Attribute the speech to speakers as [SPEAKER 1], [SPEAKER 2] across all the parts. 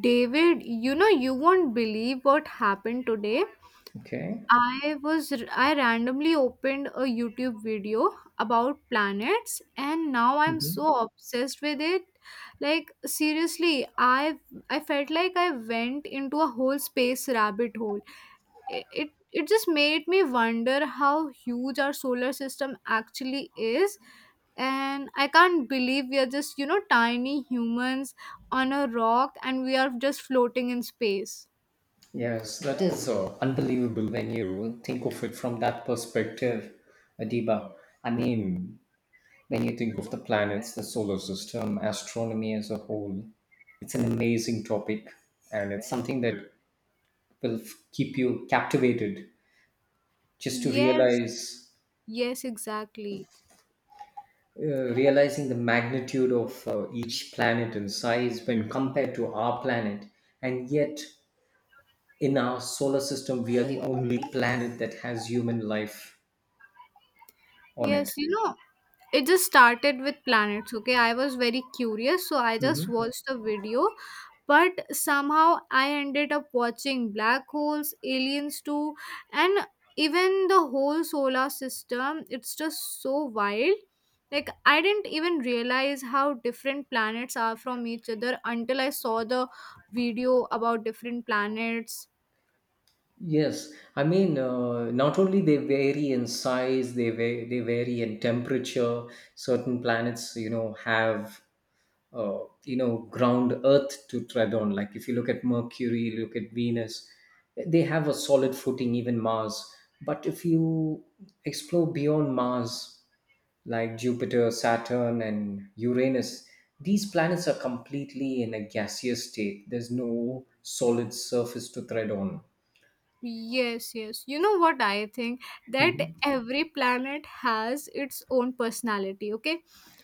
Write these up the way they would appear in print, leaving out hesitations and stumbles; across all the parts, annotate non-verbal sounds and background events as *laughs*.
[SPEAKER 1] David, you know, you won't believe what happened today.
[SPEAKER 2] Okay.
[SPEAKER 1] I randomly opened a YouTube video about planets, and now I'm
[SPEAKER 2] Mhm.
[SPEAKER 1] so obsessed with it. Like seriously, I felt like I went into a whole space rabbit hole. It just made me wonder how huge our solar system actually is, and I can't believe we are just, you know, tiny humans on a rock, and we are just floating in space.
[SPEAKER 2] Yes, that is unbelievable when you think of it from that perspective, Adiba. I mean, when you think of the planets, the solar system, astronomy as a whole, it's an amazing topic, and it's something that will keep you captivated, just to
[SPEAKER 1] Yes,
[SPEAKER 2] realize
[SPEAKER 1] yes, exactly.
[SPEAKER 2] realizing the magnitude of each planet and size when compared to our planet. And yet, in our solar system, we are the only planet that has human life on it.
[SPEAKER 1] Yes, you know, it just started with planets. Okay, I was very curious, so I just
[SPEAKER 2] Mhm.
[SPEAKER 1] watched a video, but somehow I ended up watching black holes, aliens too, and even the whole solar system. It's just so wild. Like I didn't even realize how different planets are from each other until I saw the video about different planets.
[SPEAKER 2] Yes, I mean, not only they vary in size, they they vary in temperature. Certain planets, you know, have you know, ground Earth to tread on. Like, if you look at Mercury, look at Venus, they have a solid footing. Even Mars, but if you explore beyond Mars, like Jupiter, Saturn, and Uranus, these planets are completely in a gaseous state. There's no solid surface to tread on.
[SPEAKER 1] Yes, yes. You know what I think? That every planet has its own personality, okay?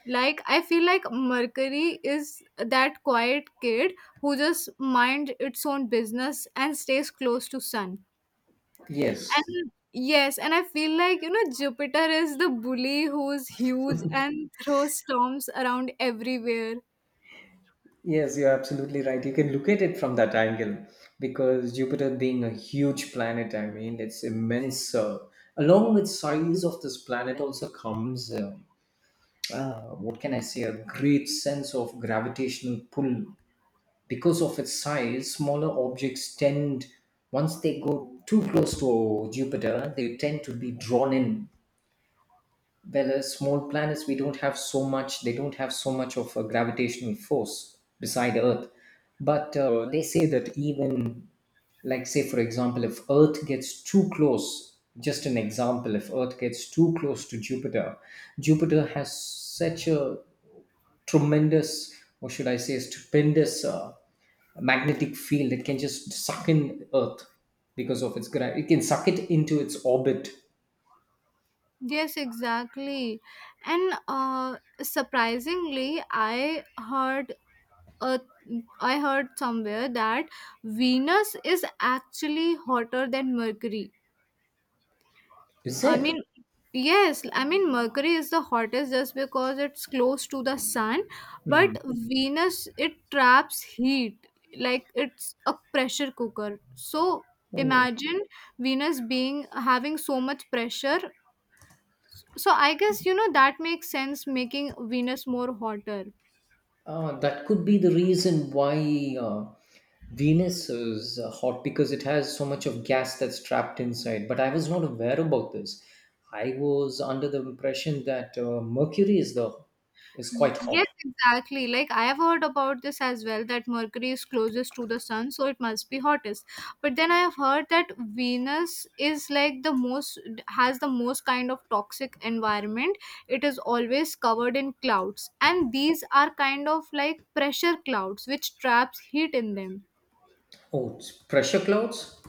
[SPEAKER 1] Like, I feel like Mercury is that quiet kid who just mind its own business and stays close to sun.
[SPEAKER 2] Yes,
[SPEAKER 1] And yes, and I feel like, you know, Jupiter is the bully who's huge and throws storms around everywhere.
[SPEAKER 2] yes, you're absolutely right. You can look at it from that angle, because Jupiter being a huge planet, I mean, it's immense. Along with size of this planet also comes, what can I say, a great sense of gravitational pull. Because of its size, smaller objects tend, once they go too close to Jupiter, they tend to be drawn in. Well, small planets, we don't have so much, they don't have so much of a gravitational force beside Earth. But they say that even, like, say, for example, if Earth gets too close, just an example, if Earth gets too close to Jupiter, Jupiter has such a tremendous, or should I say, stupendous magnetic field, it can just suck in earth. Because of its gravity, it can suck it into its orbit.
[SPEAKER 1] Yes, exactly. And surprisingly, uh, I heard somewhere that Venus is actually hotter than Mercury.
[SPEAKER 2] Is
[SPEAKER 1] I
[SPEAKER 2] it?
[SPEAKER 1] mean, yes, I mean, Mercury is the hottest just because it's close to the sun,
[SPEAKER 2] Mhm.
[SPEAKER 1] but Venus, it traps heat like it's a pressure cooker. So
[SPEAKER 2] Oh,
[SPEAKER 1] imagine Venus being having so much pressure. So I guess, you know, that makes sense, making Venus more hotter.
[SPEAKER 2] That could be the reason why Venus is hot, because it has so much of gas that's trapped inside. But I was not aware about this. I was under the impression that Mercury is the is quite
[SPEAKER 1] Yes,
[SPEAKER 2] hot.
[SPEAKER 1] exactly. Like I have heard about this as well, that Mercury is closest to the sun, so it must be hottest. But then I have heard that Venus is like the most, has the most kind of toxic environment. It is always covered in clouds, and these are kind of like pressure clouds which traps heat in them.
[SPEAKER 2] Oh, it's pressure clouds.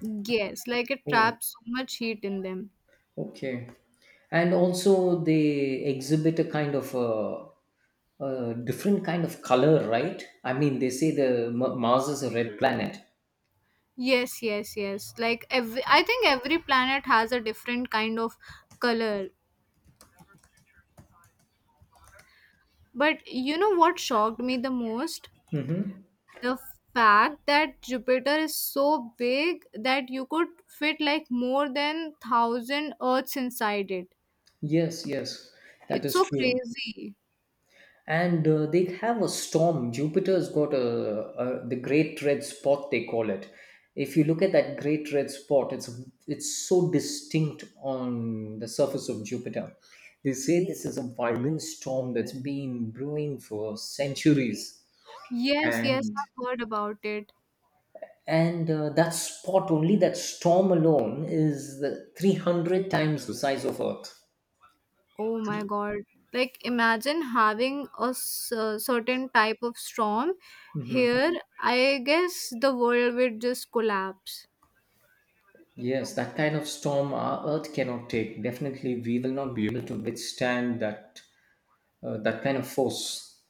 [SPEAKER 1] Yes, like it
[SPEAKER 2] Oh,
[SPEAKER 1] traps so much heat in them.
[SPEAKER 2] okay. And also they exhibit a kind of a different kind of color, right? I mean, they say the Mars is a red planet.
[SPEAKER 1] Yes, yes, yes. Like every, I think every planet has a different kind of color. But you know what shocked me the most?
[SPEAKER 2] Hmm.
[SPEAKER 1] The fact that Jupiter is so big that you could fit like more than 1,000 Earths inside it.
[SPEAKER 2] Yes, yes, that
[SPEAKER 1] It's
[SPEAKER 2] is
[SPEAKER 1] so
[SPEAKER 2] true.
[SPEAKER 1] crazy.
[SPEAKER 2] And they have a storm. Jupiter's got a the great red spot they call it. If you look at that great red spot, it's so distinct on the surface of Jupiter. They say this is a violent storm that's been brewing for centuries.
[SPEAKER 1] Yes, yes,
[SPEAKER 2] and
[SPEAKER 1] I've heard about it.
[SPEAKER 2] and uh, that spot only, that storm alone is the 300 times the size of earth.
[SPEAKER 1] Oh my god. Like imagine having a certain type of storm here. I guess the world would just collapse.
[SPEAKER 2] Yes, that kind of storm our Earth cannot take. Definitely, we will not be able to withstand that that kind of force.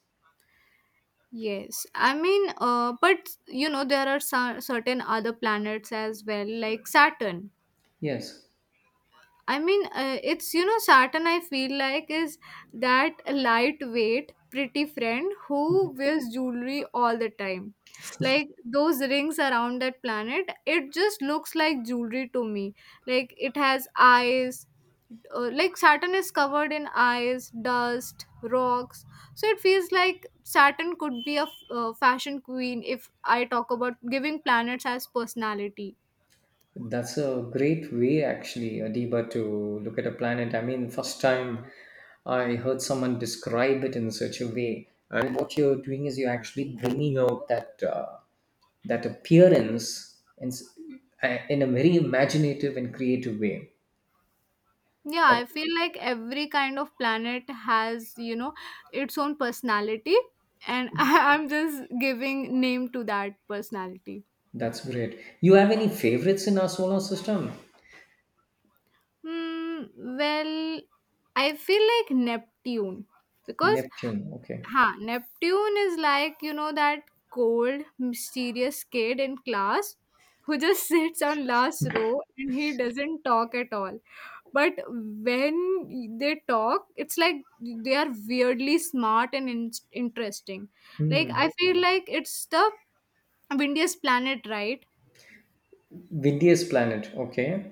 [SPEAKER 1] Yes, I mean, but you know, there are some certain other planets as well, like Saturn.
[SPEAKER 2] Yes,
[SPEAKER 1] I mean, it's, you know, Saturn, I feel like is that lightweight, pretty friend who wears jewelry all the time. Like those rings around that planet, it just looks like jewelry to me. Like it has eyes. Like Saturn is covered in eyes, dust, rocks. So it feels like Saturn could be a fashion queen if I talk about giving planets as personality.
[SPEAKER 2] that's a great way actually, Adiba, to look at a planet. I mean, first time I heard someone describe it in such a way. And what you're doing is you're actually bringing out that that appearance in a very imaginative and creative way.
[SPEAKER 1] Yeah, I
[SPEAKER 2] That-
[SPEAKER 1] feel like every kind of planet has, you know, its own personality, and *laughs* I'm just giving name to that personality.
[SPEAKER 2] That's great. You have any favorites in our solar system?
[SPEAKER 1] Hmm, well, I feel like Neptune because,
[SPEAKER 2] Neptune. Okay.
[SPEAKER 1] huh, Neptune is like, you know, that cold, mysterious kid in class who just *laughs* sits on last row and he doesn't talk at all. But when they talk, it's like they are weirdly smart and interesting. Like,
[SPEAKER 2] Hmm.
[SPEAKER 1] I feel like it's the windiest planet, right?
[SPEAKER 2] Windiest planet. Okay.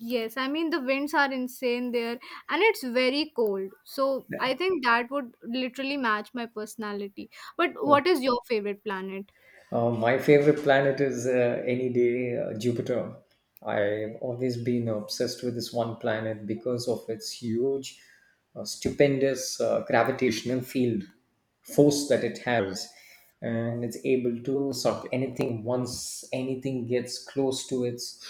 [SPEAKER 1] Yes, I mean, the winds are insane there and it's very cold. So,
[SPEAKER 2] Yeah.
[SPEAKER 1] I think that would literally match my personality. But what is your favorite planet?
[SPEAKER 2] My favorite planet is any day Jupiter. I've always been obsessed with this one planet because of its huge, stupendous gravitational field force that it has. And it's able to suck anything once anything gets close to its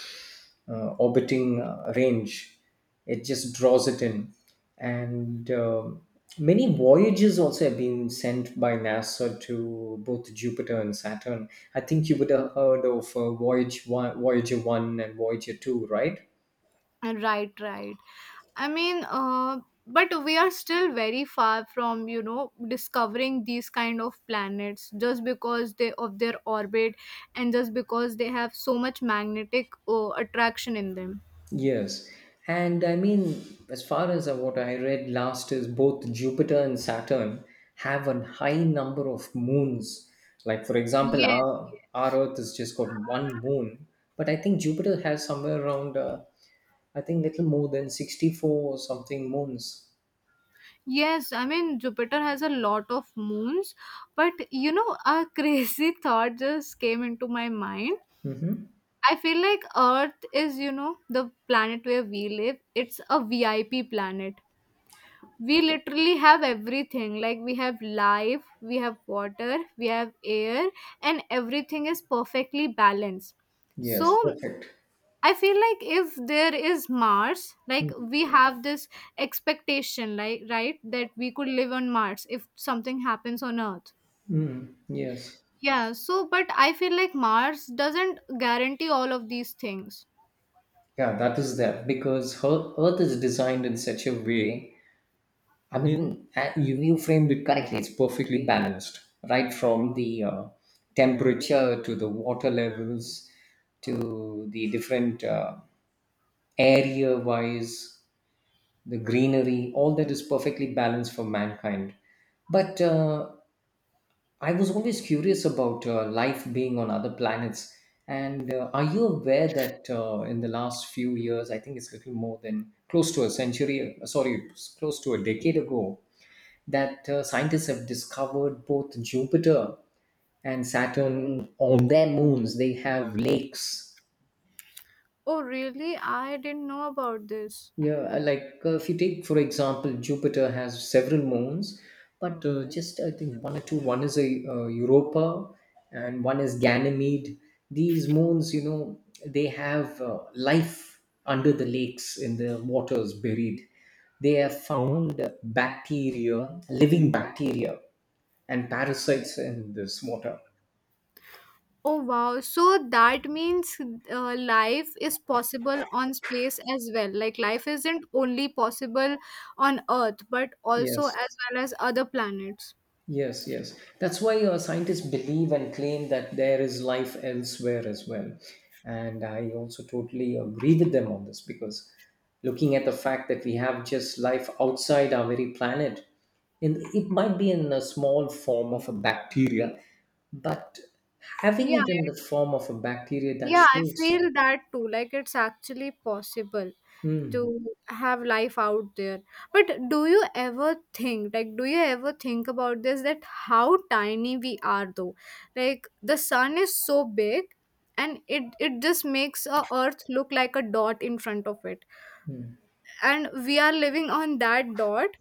[SPEAKER 2] orbiting range, it just draws it in. And many voyages also have been sent by nasa to both Jupiter and Saturn. I think you would have heard of voyager 1 and voyager 2, right?
[SPEAKER 1] Right, right. I mean, but we are still very far from, you know, discovering these kind of planets just because they of their orbit, and just because they have so much magnetic attraction in them.
[SPEAKER 2] Yes. And I mean, as far as what I read last, is both Jupiter and Saturn have a high number of moons. Like, for example,
[SPEAKER 1] Yes,
[SPEAKER 2] our
[SPEAKER 1] yes.
[SPEAKER 2] earth has just got one moon, but I think Jupiter has somewhere around I think little more than 64 or something moons.
[SPEAKER 1] Yes, I mean Jupiter has a lot of moons, but you know, a *laughs* crazy thought just came into my mind.
[SPEAKER 2] Hmm.
[SPEAKER 1] I feel like Earth is, you know, the planet where we live. It's a VIP planet. We literally have everything. Like we have life, we have water, we have air, and everything is perfectly balanced. So
[SPEAKER 2] Yes, perfect.
[SPEAKER 1] I feel like if there is Mars, like we have this expectation, like right, that we could live on Mars if something happens on Earth.
[SPEAKER 2] Mm, yes.
[SPEAKER 1] Yeah, so but I feel like Mars doesn't guarantee all of these things.
[SPEAKER 2] Yeah, that is that because her Earth is designed in such a way. I mean, you framed it correctly. It's perfectly balanced, right from the temperature to the water levels to the different area wise, the greenery. All that is perfectly balanced for mankind. But I was always curious about life being on other planets. And are you aware that in the last few years, I think it's a little more than close to a century, sorry, it's close to a decade ago, that scientists have discovered both Jupiter and Saturn on their moons, they have lakes.
[SPEAKER 1] Oh really, I didn't know about this.
[SPEAKER 2] Yeah, like if you take, for example, Jupiter has several moons, but just I think one or two. One is a Europa, and one is Ganymede. These moons, you know, they have life under the lakes, in the waters buried. They have found bacteria, living bacteria, and parasites in this water.
[SPEAKER 1] Oh wow. So that means life is possible on space as well. Like life isn't only possible on Earth, but also
[SPEAKER 2] Yes.
[SPEAKER 1] as well as other planets.
[SPEAKER 2] Yes, yes. That's why scientists believe and claim that there is life elsewhere as well. And I also totally agree with them on this, because looking at the fact that we have just life outside our very planet, and it might be in a small form of a bacteria, but having
[SPEAKER 1] Yeah,
[SPEAKER 2] it in the form of a bacteria, that
[SPEAKER 1] yeah, I
[SPEAKER 2] shows.
[SPEAKER 1] feel that too. Like it's actually possible
[SPEAKER 2] Hmm.
[SPEAKER 1] to have life out there. But do you ever think, like, do you ever think about this, that how tiny we are though? Like the sun is so big, and it just makes a earth look like a dot in front of it, and we are living on that dot,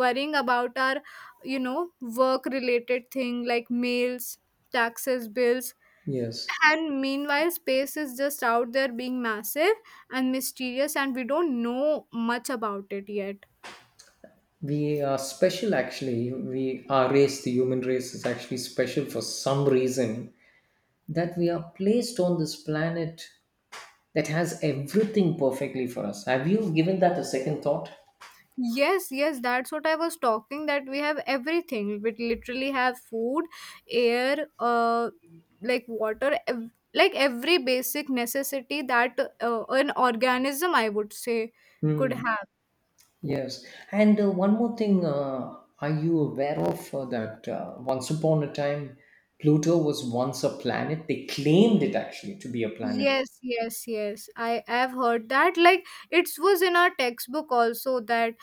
[SPEAKER 1] worrying about our, you know, work related thing, like mails, taxes, bills,
[SPEAKER 2] Yes.
[SPEAKER 1] and meanwhile space is just out there being massive and mysterious, and we don't know much about it yet.
[SPEAKER 2] We are special actually. We Our race, the human race is actually special for some reason. That we are placed on this planet that has everything perfectly for us. Have you given that a second thought?
[SPEAKER 1] Yes, yes, that's what I was talking, that we have everything. We literally have food, air, like water, like every basic necessity that an organism, I would say, could
[SPEAKER 2] Hmm.
[SPEAKER 1] have.
[SPEAKER 2] Yes. And one more thing, are you aware of that once upon a time, Pluto was once a planet? They claimed it actually to be a planet.
[SPEAKER 1] Yes, yes, yes. I have heard that. Like it was in our textbook also, that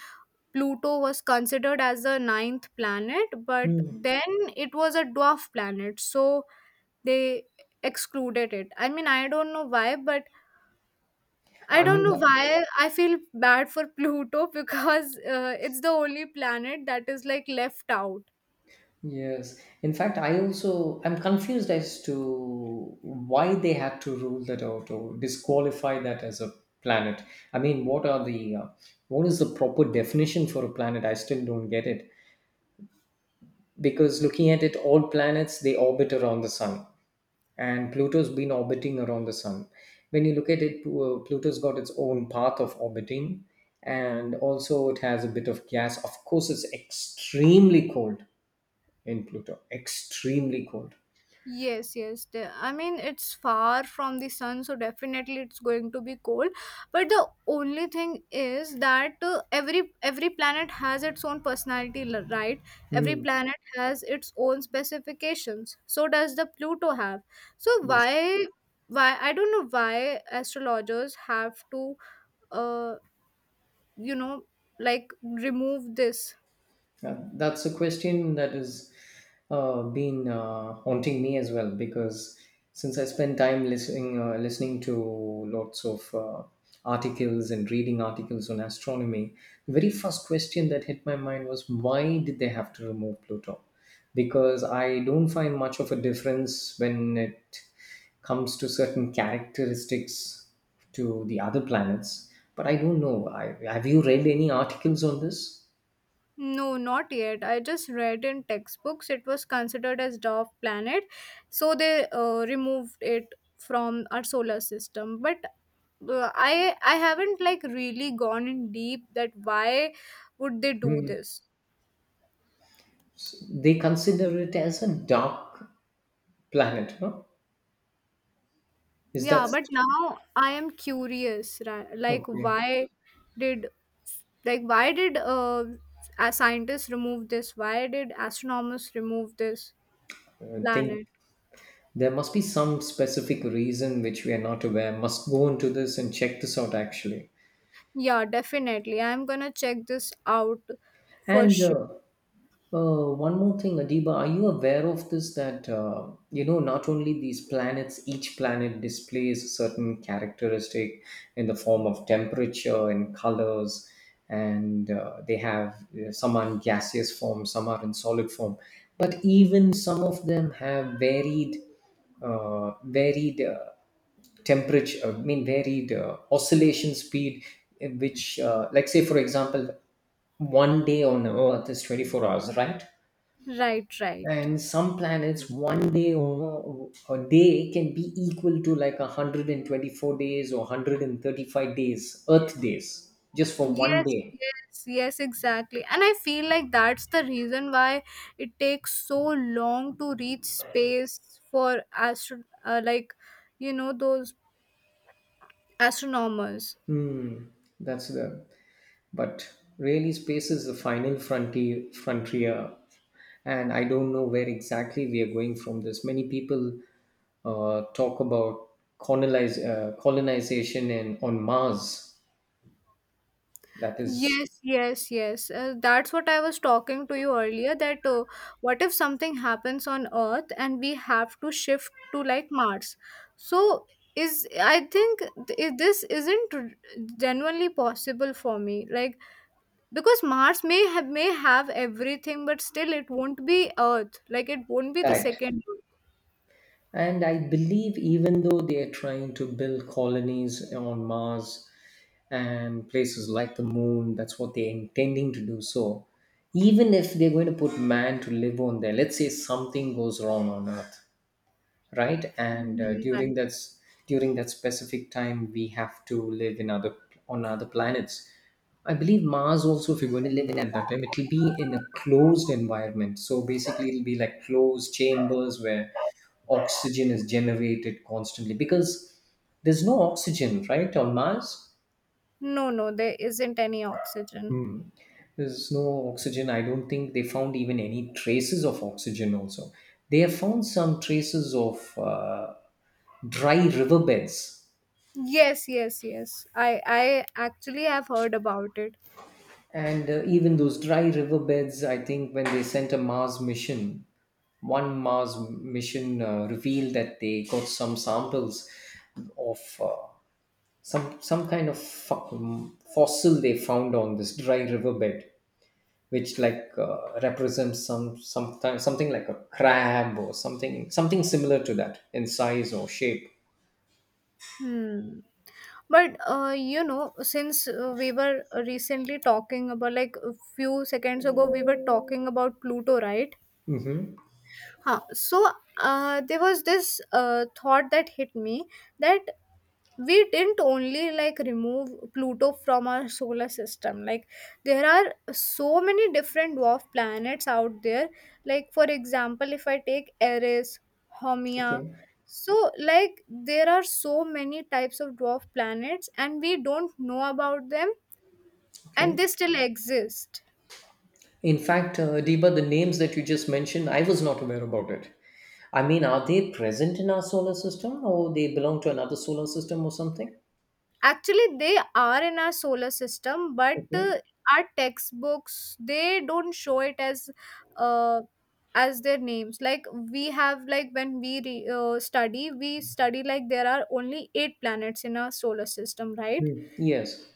[SPEAKER 1] Pluto was considered as the ninth planet, but
[SPEAKER 2] Hmm.
[SPEAKER 1] then it was a dwarf planet, so they excluded it. I mean, I don't know why, but I
[SPEAKER 2] I
[SPEAKER 1] don't
[SPEAKER 2] mean,
[SPEAKER 1] know
[SPEAKER 2] like,
[SPEAKER 1] why I feel bad for Pluto *laughs* because it's the only planet that is like left out.
[SPEAKER 2] yes. In fact, I also, I'm confused as to why they had to rule that out or disqualify that as a planet. I mean, what are the what is the proper definition for a planet? I still don't get it, because looking at it, all planets they orbit around the sun, and Pluto's been orbiting around the sun. When you look at it, Pluto's got its own path of orbiting, and also it has a bit of gas. Of course, it's extremely cold in Pluto, extremely cold.
[SPEAKER 1] Yes, yes. The, I mean, it's far from the sun, so definitely it's going to be cold. But the only thing is that every planet has its own personality, right? Every
[SPEAKER 2] Hmm.
[SPEAKER 1] planet has its own specifications. So does the Pluto have. So
[SPEAKER 2] Yes,
[SPEAKER 1] why, I don't know why astrologers have to uh you know, like remove this.
[SPEAKER 2] That's a question that has been haunting me as well, because since I spend time listening to lots of articles and reading articles on astronomy, the very first question that hit my mind was, why did they have to remove Pluto? Because I don't find much of a difference when it comes to certain characteristics to the other planets. But I don't know. I, have you read any articles on this?
[SPEAKER 1] No, not yet. I just read in textbooks it was considered as dwarf planet, so they removed it from our solar system. But I haven't like really gone in deep that why would they do
[SPEAKER 2] Hmm.
[SPEAKER 1] this?
[SPEAKER 2] They consider it as a dark planet, huh? Is
[SPEAKER 1] Yeah,
[SPEAKER 2] that
[SPEAKER 1] but now I am curious, like
[SPEAKER 2] okay?
[SPEAKER 1] why did, like why did a scientists remove this? Why did astronomers remove this
[SPEAKER 2] I think
[SPEAKER 1] planet?
[SPEAKER 2] there must be some specific reason which we are not aware. Must go into this and check this out actually.
[SPEAKER 1] Yeah, definitely. I'm gonna check this out for
[SPEAKER 2] And
[SPEAKER 1] sure.
[SPEAKER 2] one more thing, Adiba, are you aware of this, that you know, not only these planets, each planet displays a certain characteristic in the form of temperature and colors, and they have some are in gaseous form, some are in solid form, but even some of them have varied, uh, varied. Uh, temperature, I mean varied oscillation speed, which like say, for example, one day on earth is 24 hours, right?
[SPEAKER 1] Right, right.
[SPEAKER 2] And some planets, one day or a day can be equal to like 124 days or 135 days earth days, just for one
[SPEAKER 1] Yes,
[SPEAKER 2] day.
[SPEAKER 1] yes, yes, exactly. And I feel like that's the reason why it takes so long to reach space for astro like, you know, those astronomers.
[SPEAKER 2] Hmm. that's the But really, space is the final frontier, and I don't know where exactly we are going from this. Many people talk about colonization and on Mars. That is
[SPEAKER 1] Yes, yes, yes. That's what I was talking to you earlier, that what if something happens on Earth and we have to shift to like Mars? So is, I think this isn't genuinely possible for me. Like because Mars may have everything, but still it won't be Earth. Like it won't be the
[SPEAKER 2] correct.
[SPEAKER 1] second Earth.
[SPEAKER 2] And I believe even though they are trying to build colonies on Mars and places like the moon, that's what they're intending to do. So even if they're going to put man to live on there, let's say something goes wrong on Earth, right? And
[SPEAKER 1] Mhm, right.
[SPEAKER 2] during that specific time we have to live in other on other planets. I believe Mars also, if you're going to live in at that time, it'll be in a closed environment. So basically it'll be like closed chambers where oxygen is generated constantly, because there's no oxygen, right, on Mars.
[SPEAKER 1] No, no, there isn't any oxygen.
[SPEAKER 2] There's no oxygen. I don't think they found even any traces of oxygen also. They have found some traces of dry riverbeds.
[SPEAKER 1] Yes, yes, yes. I actually have heard about it.
[SPEAKER 2] And even those dry riverbeds, I think when they sent a Mars mission, one Mars mission revealed that they got some samples of some kind of fossil they found on this dry riverbed, which like represents sometime, something like a crab or something similar to that in size or shape.
[SPEAKER 1] Hmm. But you know, since we were recently talking about, like a few seconds ago, we were talking about Pluto, right?
[SPEAKER 2] Mm-hmm.
[SPEAKER 1] Huh. So there was this thought that hit me, that we didn't only like remove Pluto from our solar system. Like there are so many different dwarf planets out there. Like for example, if I take Eris, Haumea,
[SPEAKER 2] Okay.
[SPEAKER 1] so like there are so many types of dwarf planets and we don't know about them, and
[SPEAKER 2] Okay.
[SPEAKER 1] they still exist.
[SPEAKER 2] In fact, Deba, the names that you just mentioned, I was not aware about it. I mean, are they present in our solar system or they belong to another solar system or something?
[SPEAKER 1] Actually, they are in our solar system, but
[SPEAKER 2] Okay.
[SPEAKER 1] our textbooks they don't show it uh, as their names. Like we have, like when we study, we study like there are only 8 planets in our solar system, right?
[SPEAKER 2] Hmm. Yes.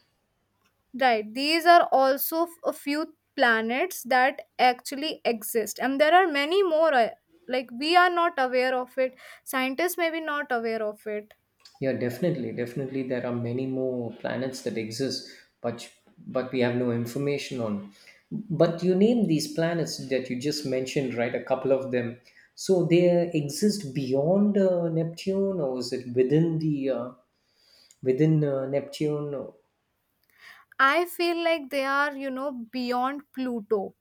[SPEAKER 1] Right. These are also a few planets that actually exist, and there are many more. Like we are not aware of it. Scientists may be not aware of it.
[SPEAKER 2] Yeah, definitely. Definitely there are many more planets that exist, but but we have no information on. But you name these planets that you just mentioned, right? A couple of them. So they exist beyond Neptune, or is it within the within Neptune?
[SPEAKER 1] I feel like they are, you know, beyond Pluto.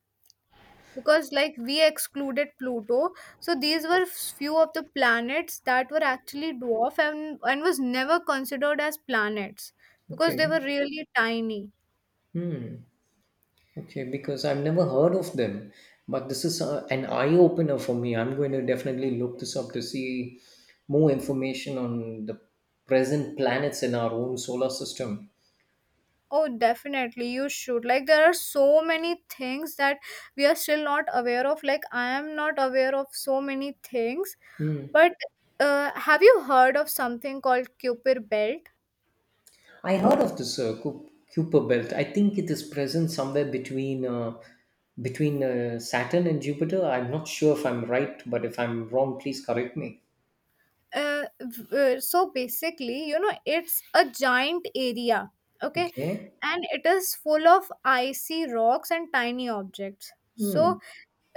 [SPEAKER 1] Because like we excluded Pluto, so these were few of the planets that were actually dwarf and was never considered as planets because they
[SPEAKER 2] Okay.
[SPEAKER 1] were really tiny.
[SPEAKER 2] Hmm. Okay, because I've never heard of them, but this is an eye opener for me. I'm going to definitely look this up to see more information on the present planets in our own solar system.
[SPEAKER 1] Oh definitely, you should. Like there are so many things that we are still not aware of. Like I am not aware of so many things,
[SPEAKER 2] Hmm.
[SPEAKER 1] but have you heard of something called Kuiper belt?
[SPEAKER 2] I heard of this Kuiper belt. I think it is present somewhere between between Saturn and Jupiter. I'm not sure if I'm right, but if I'm wrong, please correct me.
[SPEAKER 1] So basically, you know, it's a giant area. Okay.
[SPEAKER 2] Okay.
[SPEAKER 1] And it is full of icy rocks and tiny objects, so
[SPEAKER 2] Hmm.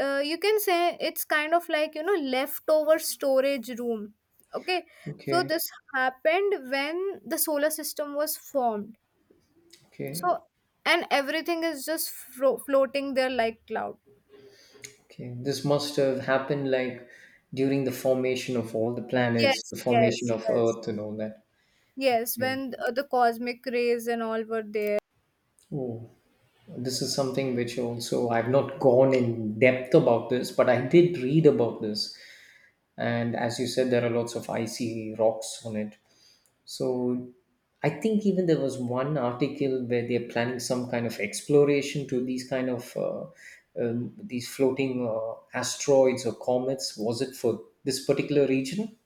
[SPEAKER 1] you can say it's kind of like, you know, leftover storage room. Okay. So
[SPEAKER 2] Okay.
[SPEAKER 1] this happened when the solar system was formed.
[SPEAKER 2] Okay.
[SPEAKER 1] So, and everything is just floating there like cloud.
[SPEAKER 2] Okay, this must have happened like during the formation of all the planets,
[SPEAKER 1] Yes,
[SPEAKER 2] the
[SPEAKER 1] yes,
[SPEAKER 2] formation of
[SPEAKER 1] yes.
[SPEAKER 2] Earth, and all that.
[SPEAKER 1] Yes,
[SPEAKER 2] Yeah.
[SPEAKER 1] when the cosmic rays and all were there.
[SPEAKER 2] Oh, this is something which also I've not gone in depth about this, but I did read about this. And as you said, there are lots of icy rocks on it. So I think even there was one article where they're planning some kind of exploration to these kind of these floating asteroids or comets. Was it for this particular region?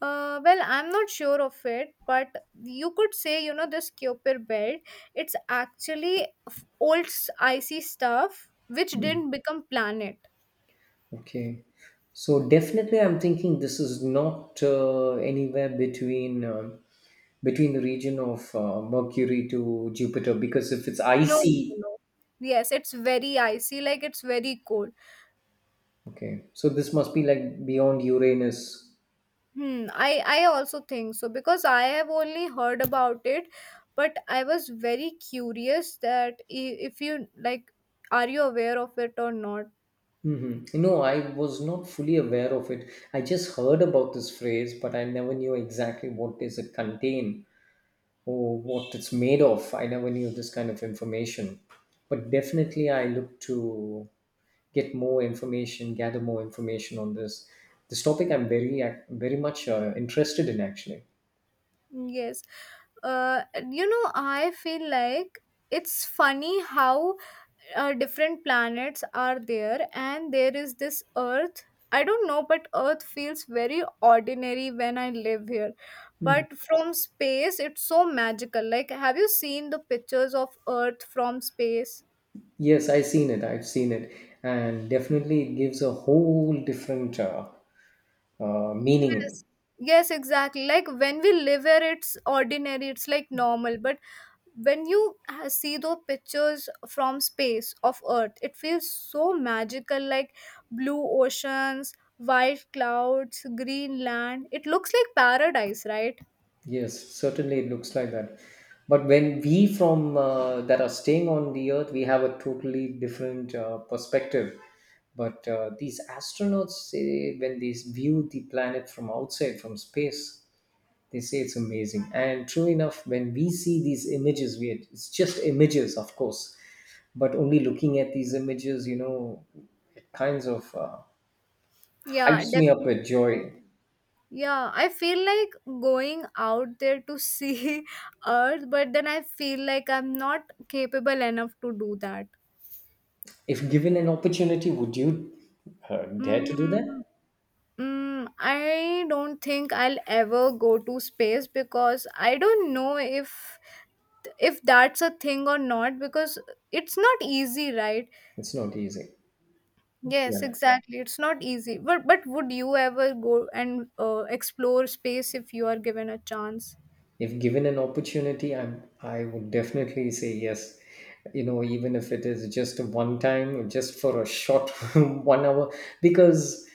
[SPEAKER 1] Well, I'm not sure of it, but you could say, you know, this Kuiper belt, it's actually icy stuff which didn't become planet.
[SPEAKER 2] Okay. So definitely, I'm thinking this is not anywhere between between the region of Mercury to Jupiter because if it's
[SPEAKER 1] No, no,
[SPEAKER 2] icy,
[SPEAKER 1] no. Yes, it's very icy, like it's very cold.
[SPEAKER 2] okay, so this must be like beyond Uranus.
[SPEAKER 1] Hmm, I also think so because I have only heard about it, but I was very curious that if you like, are you aware of it or not?
[SPEAKER 2] Mm-hmm. No, I was not fully aware of it. I just heard about this phrase, but I never knew exactly what does it contain, or what it's made of. I never knew this kind of information. But definitely, I look to get more information, gather more information on this. This topic I'm very, very much interested in actually.
[SPEAKER 1] Yes. Uh, you know, I feel like it's funny how different planets are there, and there is this Earth. I don't know, but Earth feels very ordinary when I live here. But from space, it's so magical. Like, have you seen the pictures of Earth from space?
[SPEAKER 2] Yes, I've seen it. I've seen it. And definitely, it gives a whole different meaning.
[SPEAKER 1] Yes. Yes, exactly. Like when we live here, it's ordinary, it's like normal. But when you see those pictures from space of Earth, it feels so magical. Like blue oceans, white clouds, green land, it looks like paradise, right?
[SPEAKER 2] Yes, certainly it looks like that. But when we from that are staying on the Earth, we have a totally different perspective. But these astronauts say when they view the planet from outside, from space, they say it's amazing. And true enough, when we see these images, we it's just images, of course. But only looking at these images, you know, it kinds of
[SPEAKER 1] Yeah,
[SPEAKER 2] hypes me up
[SPEAKER 1] definitely.
[SPEAKER 2] with joy.
[SPEAKER 1] Yeah, I feel like going out there to see *laughs* Earth, but then I feel like I'm not capable enough to do that.
[SPEAKER 2] If given an opportunity, would you dare to do
[SPEAKER 1] mm,
[SPEAKER 2] that?
[SPEAKER 1] Mm, I don't think I'll ever go to space because I don't know if that's a thing or not because it's not easy, right?
[SPEAKER 2] It's not easy.
[SPEAKER 1] Yes,
[SPEAKER 2] Yeah.
[SPEAKER 1] exactly. It's not easy. But would you ever go and explore space if you are given a chance?
[SPEAKER 2] If given an opportunity, I would definitely say yes. You know, even if it is just a one time, just for a short *laughs* 1 hour, because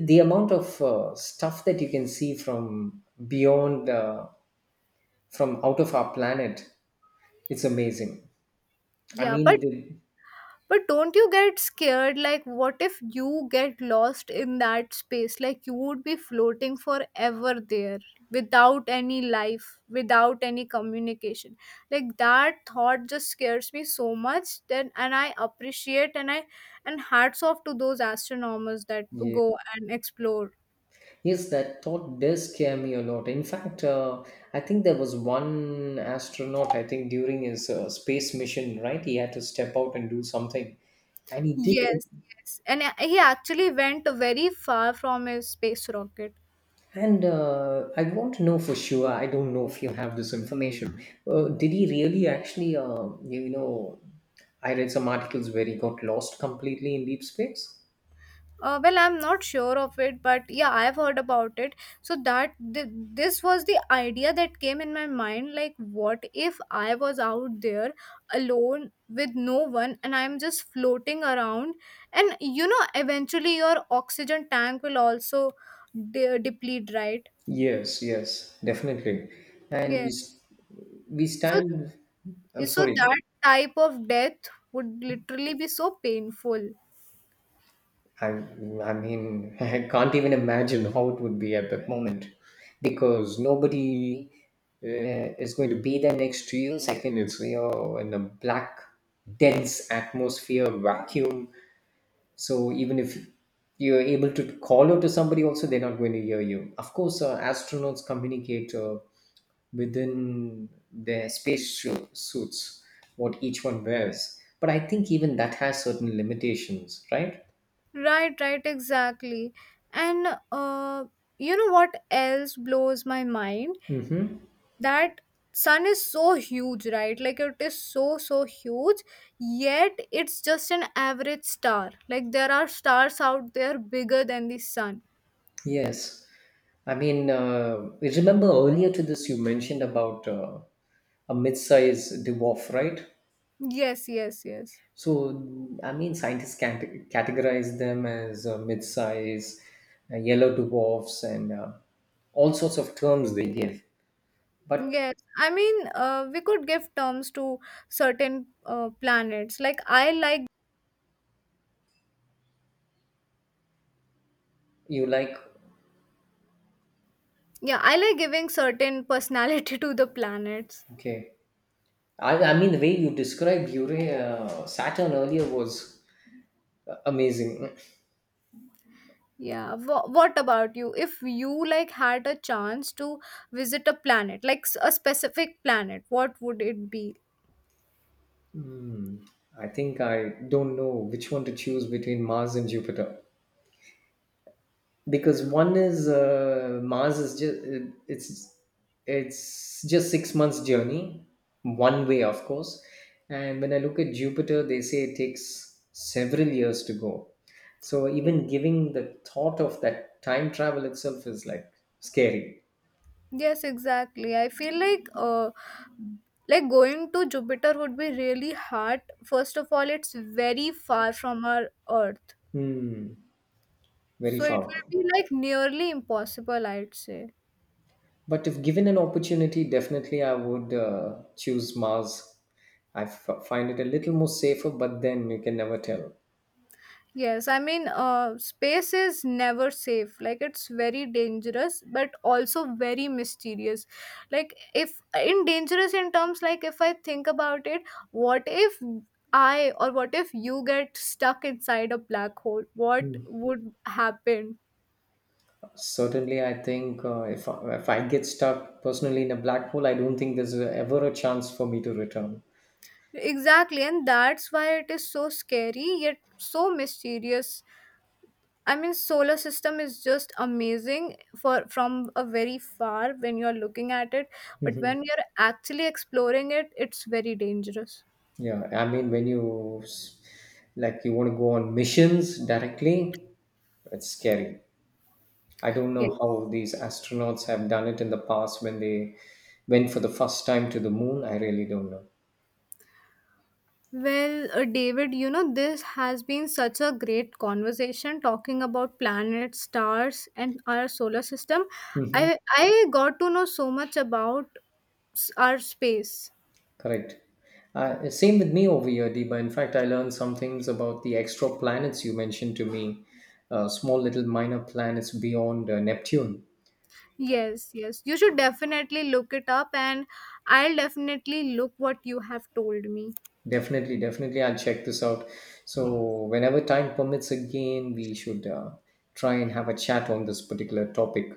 [SPEAKER 2] the amount of stuff that you can see from beyond, from out of our planet, it's amazing. I
[SPEAKER 1] Yeah, but
[SPEAKER 2] mean,
[SPEAKER 1] But don't you get scared? Like, what if you get lost in that space? Like, you would be floating forever there without any life, without any communication. Like, that thought just scares me so much. Then, and I appreciate and I, and hats off to those astronomers that
[SPEAKER 2] yeah.
[SPEAKER 1] go and explore.
[SPEAKER 2] Yes, that thought does scare me a lot. In fact, I think there was one astronaut, I think during his space mission, right? He had to step out and do something. And he did it.
[SPEAKER 1] Yes, yes. And he actually went very far from his space rocket.
[SPEAKER 2] And I want to know for sure, I don't know if you have this information. Did he really actually, you know, I read some articles where he got lost completely in deep space?
[SPEAKER 1] Well, I'm not sure of it, but yeah, I've heard about it. So that this was the idea that came in my mind. Like, what if I was out there alone with no one, and I'm just floating around? And you know, eventually your oxygen tank will also deplete, right?
[SPEAKER 2] Yes, yes, definitely. And we,
[SPEAKER 1] Yes.
[SPEAKER 2] s- we
[SPEAKER 1] So,
[SPEAKER 2] stand, I'm
[SPEAKER 1] so
[SPEAKER 2] sorry.
[SPEAKER 1] that type of death would literally be so painful.
[SPEAKER 2] I, I mean, *laughs* I can't even imagine how it would be at that moment because nobody uh, is going to be there next to you. Second, it's you're in a black, dense atmosphere, vacuum. So even if you're able to call out to somebody, also they're not going to hear you. Of course, astronauts communicate within their space suits, what each one wears. But I think even that has certain limitations, right?
[SPEAKER 1] Right, right, exactly. And you know what else blows my mind?
[SPEAKER 2] Hmm.
[SPEAKER 1] That sun is so huge, right? Like it is so, so huge, yet it's just an average star. Like there are stars out there bigger than the sun.
[SPEAKER 2] Yes. I mean, you remember earlier to this, you mentioned about a mid sized dwarf, right?
[SPEAKER 1] Yes, yes, yes.
[SPEAKER 2] So, I mean, scientists can categorize them as mid size, yellow dwarfs, and all sorts of terms they give. But
[SPEAKER 1] Yes, I mean, we could give terms to certain planets. Like I like,
[SPEAKER 2] you like,
[SPEAKER 1] yeah, I like giving certain personality *laughs* to the planets.
[SPEAKER 2] okay. I mean, the way you described Saturn earlier was amazing.
[SPEAKER 1] Yeah, what about you? If you like had a chance to visit a planet, like a specific planet, what would it be?
[SPEAKER 2] Hmm. I think I don't know which one to choose between Mars and Jupiter, because one is Mars is just it's it's just 6 months journey, one way of course, and when I look at Jupiter they say it takes several years to go, so
[SPEAKER 1] Ye-
[SPEAKER 2] even giving the thought of that time travel itself is like scary.
[SPEAKER 1] Yes, exactly. I feel like going to Jupiter would be really hard. First of all, it's very far from our Earth.
[SPEAKER 2] Hmm, very
[SPEAKER 1] So it
[SPEAKER 2] far.
[SPEAKER 1] will be like nearly impossible, I'd say.
[SPEAKER 2] But if given an opportunity, definitely I would choose Mars. I find it a little more safer, but then you can never tell.
[SPEAKER 1] Yes, I mean, space is never safe. Like, it's very dangerous, but also very mysterious. Like, if in dangerous in terms, like, if I think about it, what if I or what if you get stuck inside a black hole? What would happen?
[SPEAKER 2] Certainly, I think if I get stuck personally in a black hole, I don't think there's ever a chance for me to return.
[SPEAKER 1] Exactly, and that's why it is so scary yet so mysterious. I mean, solar system is just amazing for from a very far when you're looking at it, but when you're actually exploring it, it's very dangerous.
[SPEAKER 2] Yeah, I mean, when you s- like you want to go on missions directly, it's scary. I don't know
[SPEAKER 1] Yes.
[SPEAKER 2] how these astronauts have done it in the past when they went for the first time to the moon. I really don't know.
[SPEAKER 1] Well, David, you know, this has been such a great conversation talking about planets, stars, and our solar system.
[SPEAKER 2] Mhm.
[SPEAKER 1] I got to know so much about our space.
[SPEAKER 2] Correct. Same with me over here, Deba. In fact, I learned some things about the extra planets you mentioned to me, small little minor planets beyond Neptune.
[SPEAKER 1] Yes, yes. You should definitely look it up, and I'll definitely look what you have told me.
[SPEAKER 2] Definitely, definitely, I'll check this out. So, whenever time permits again, we should try and have a chat on this particular topic.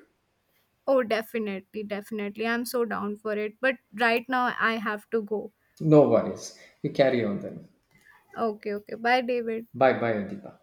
[SPEAKER 1] Oh, definitely, definitely. I'm so down for it. But right now I have to go.
[SPEAKER 2] No worries. You carry on then.
[SPEAKER 1] Okay, okay. Bye, David.
[SPEAKER 2] Bye bye, Adipa.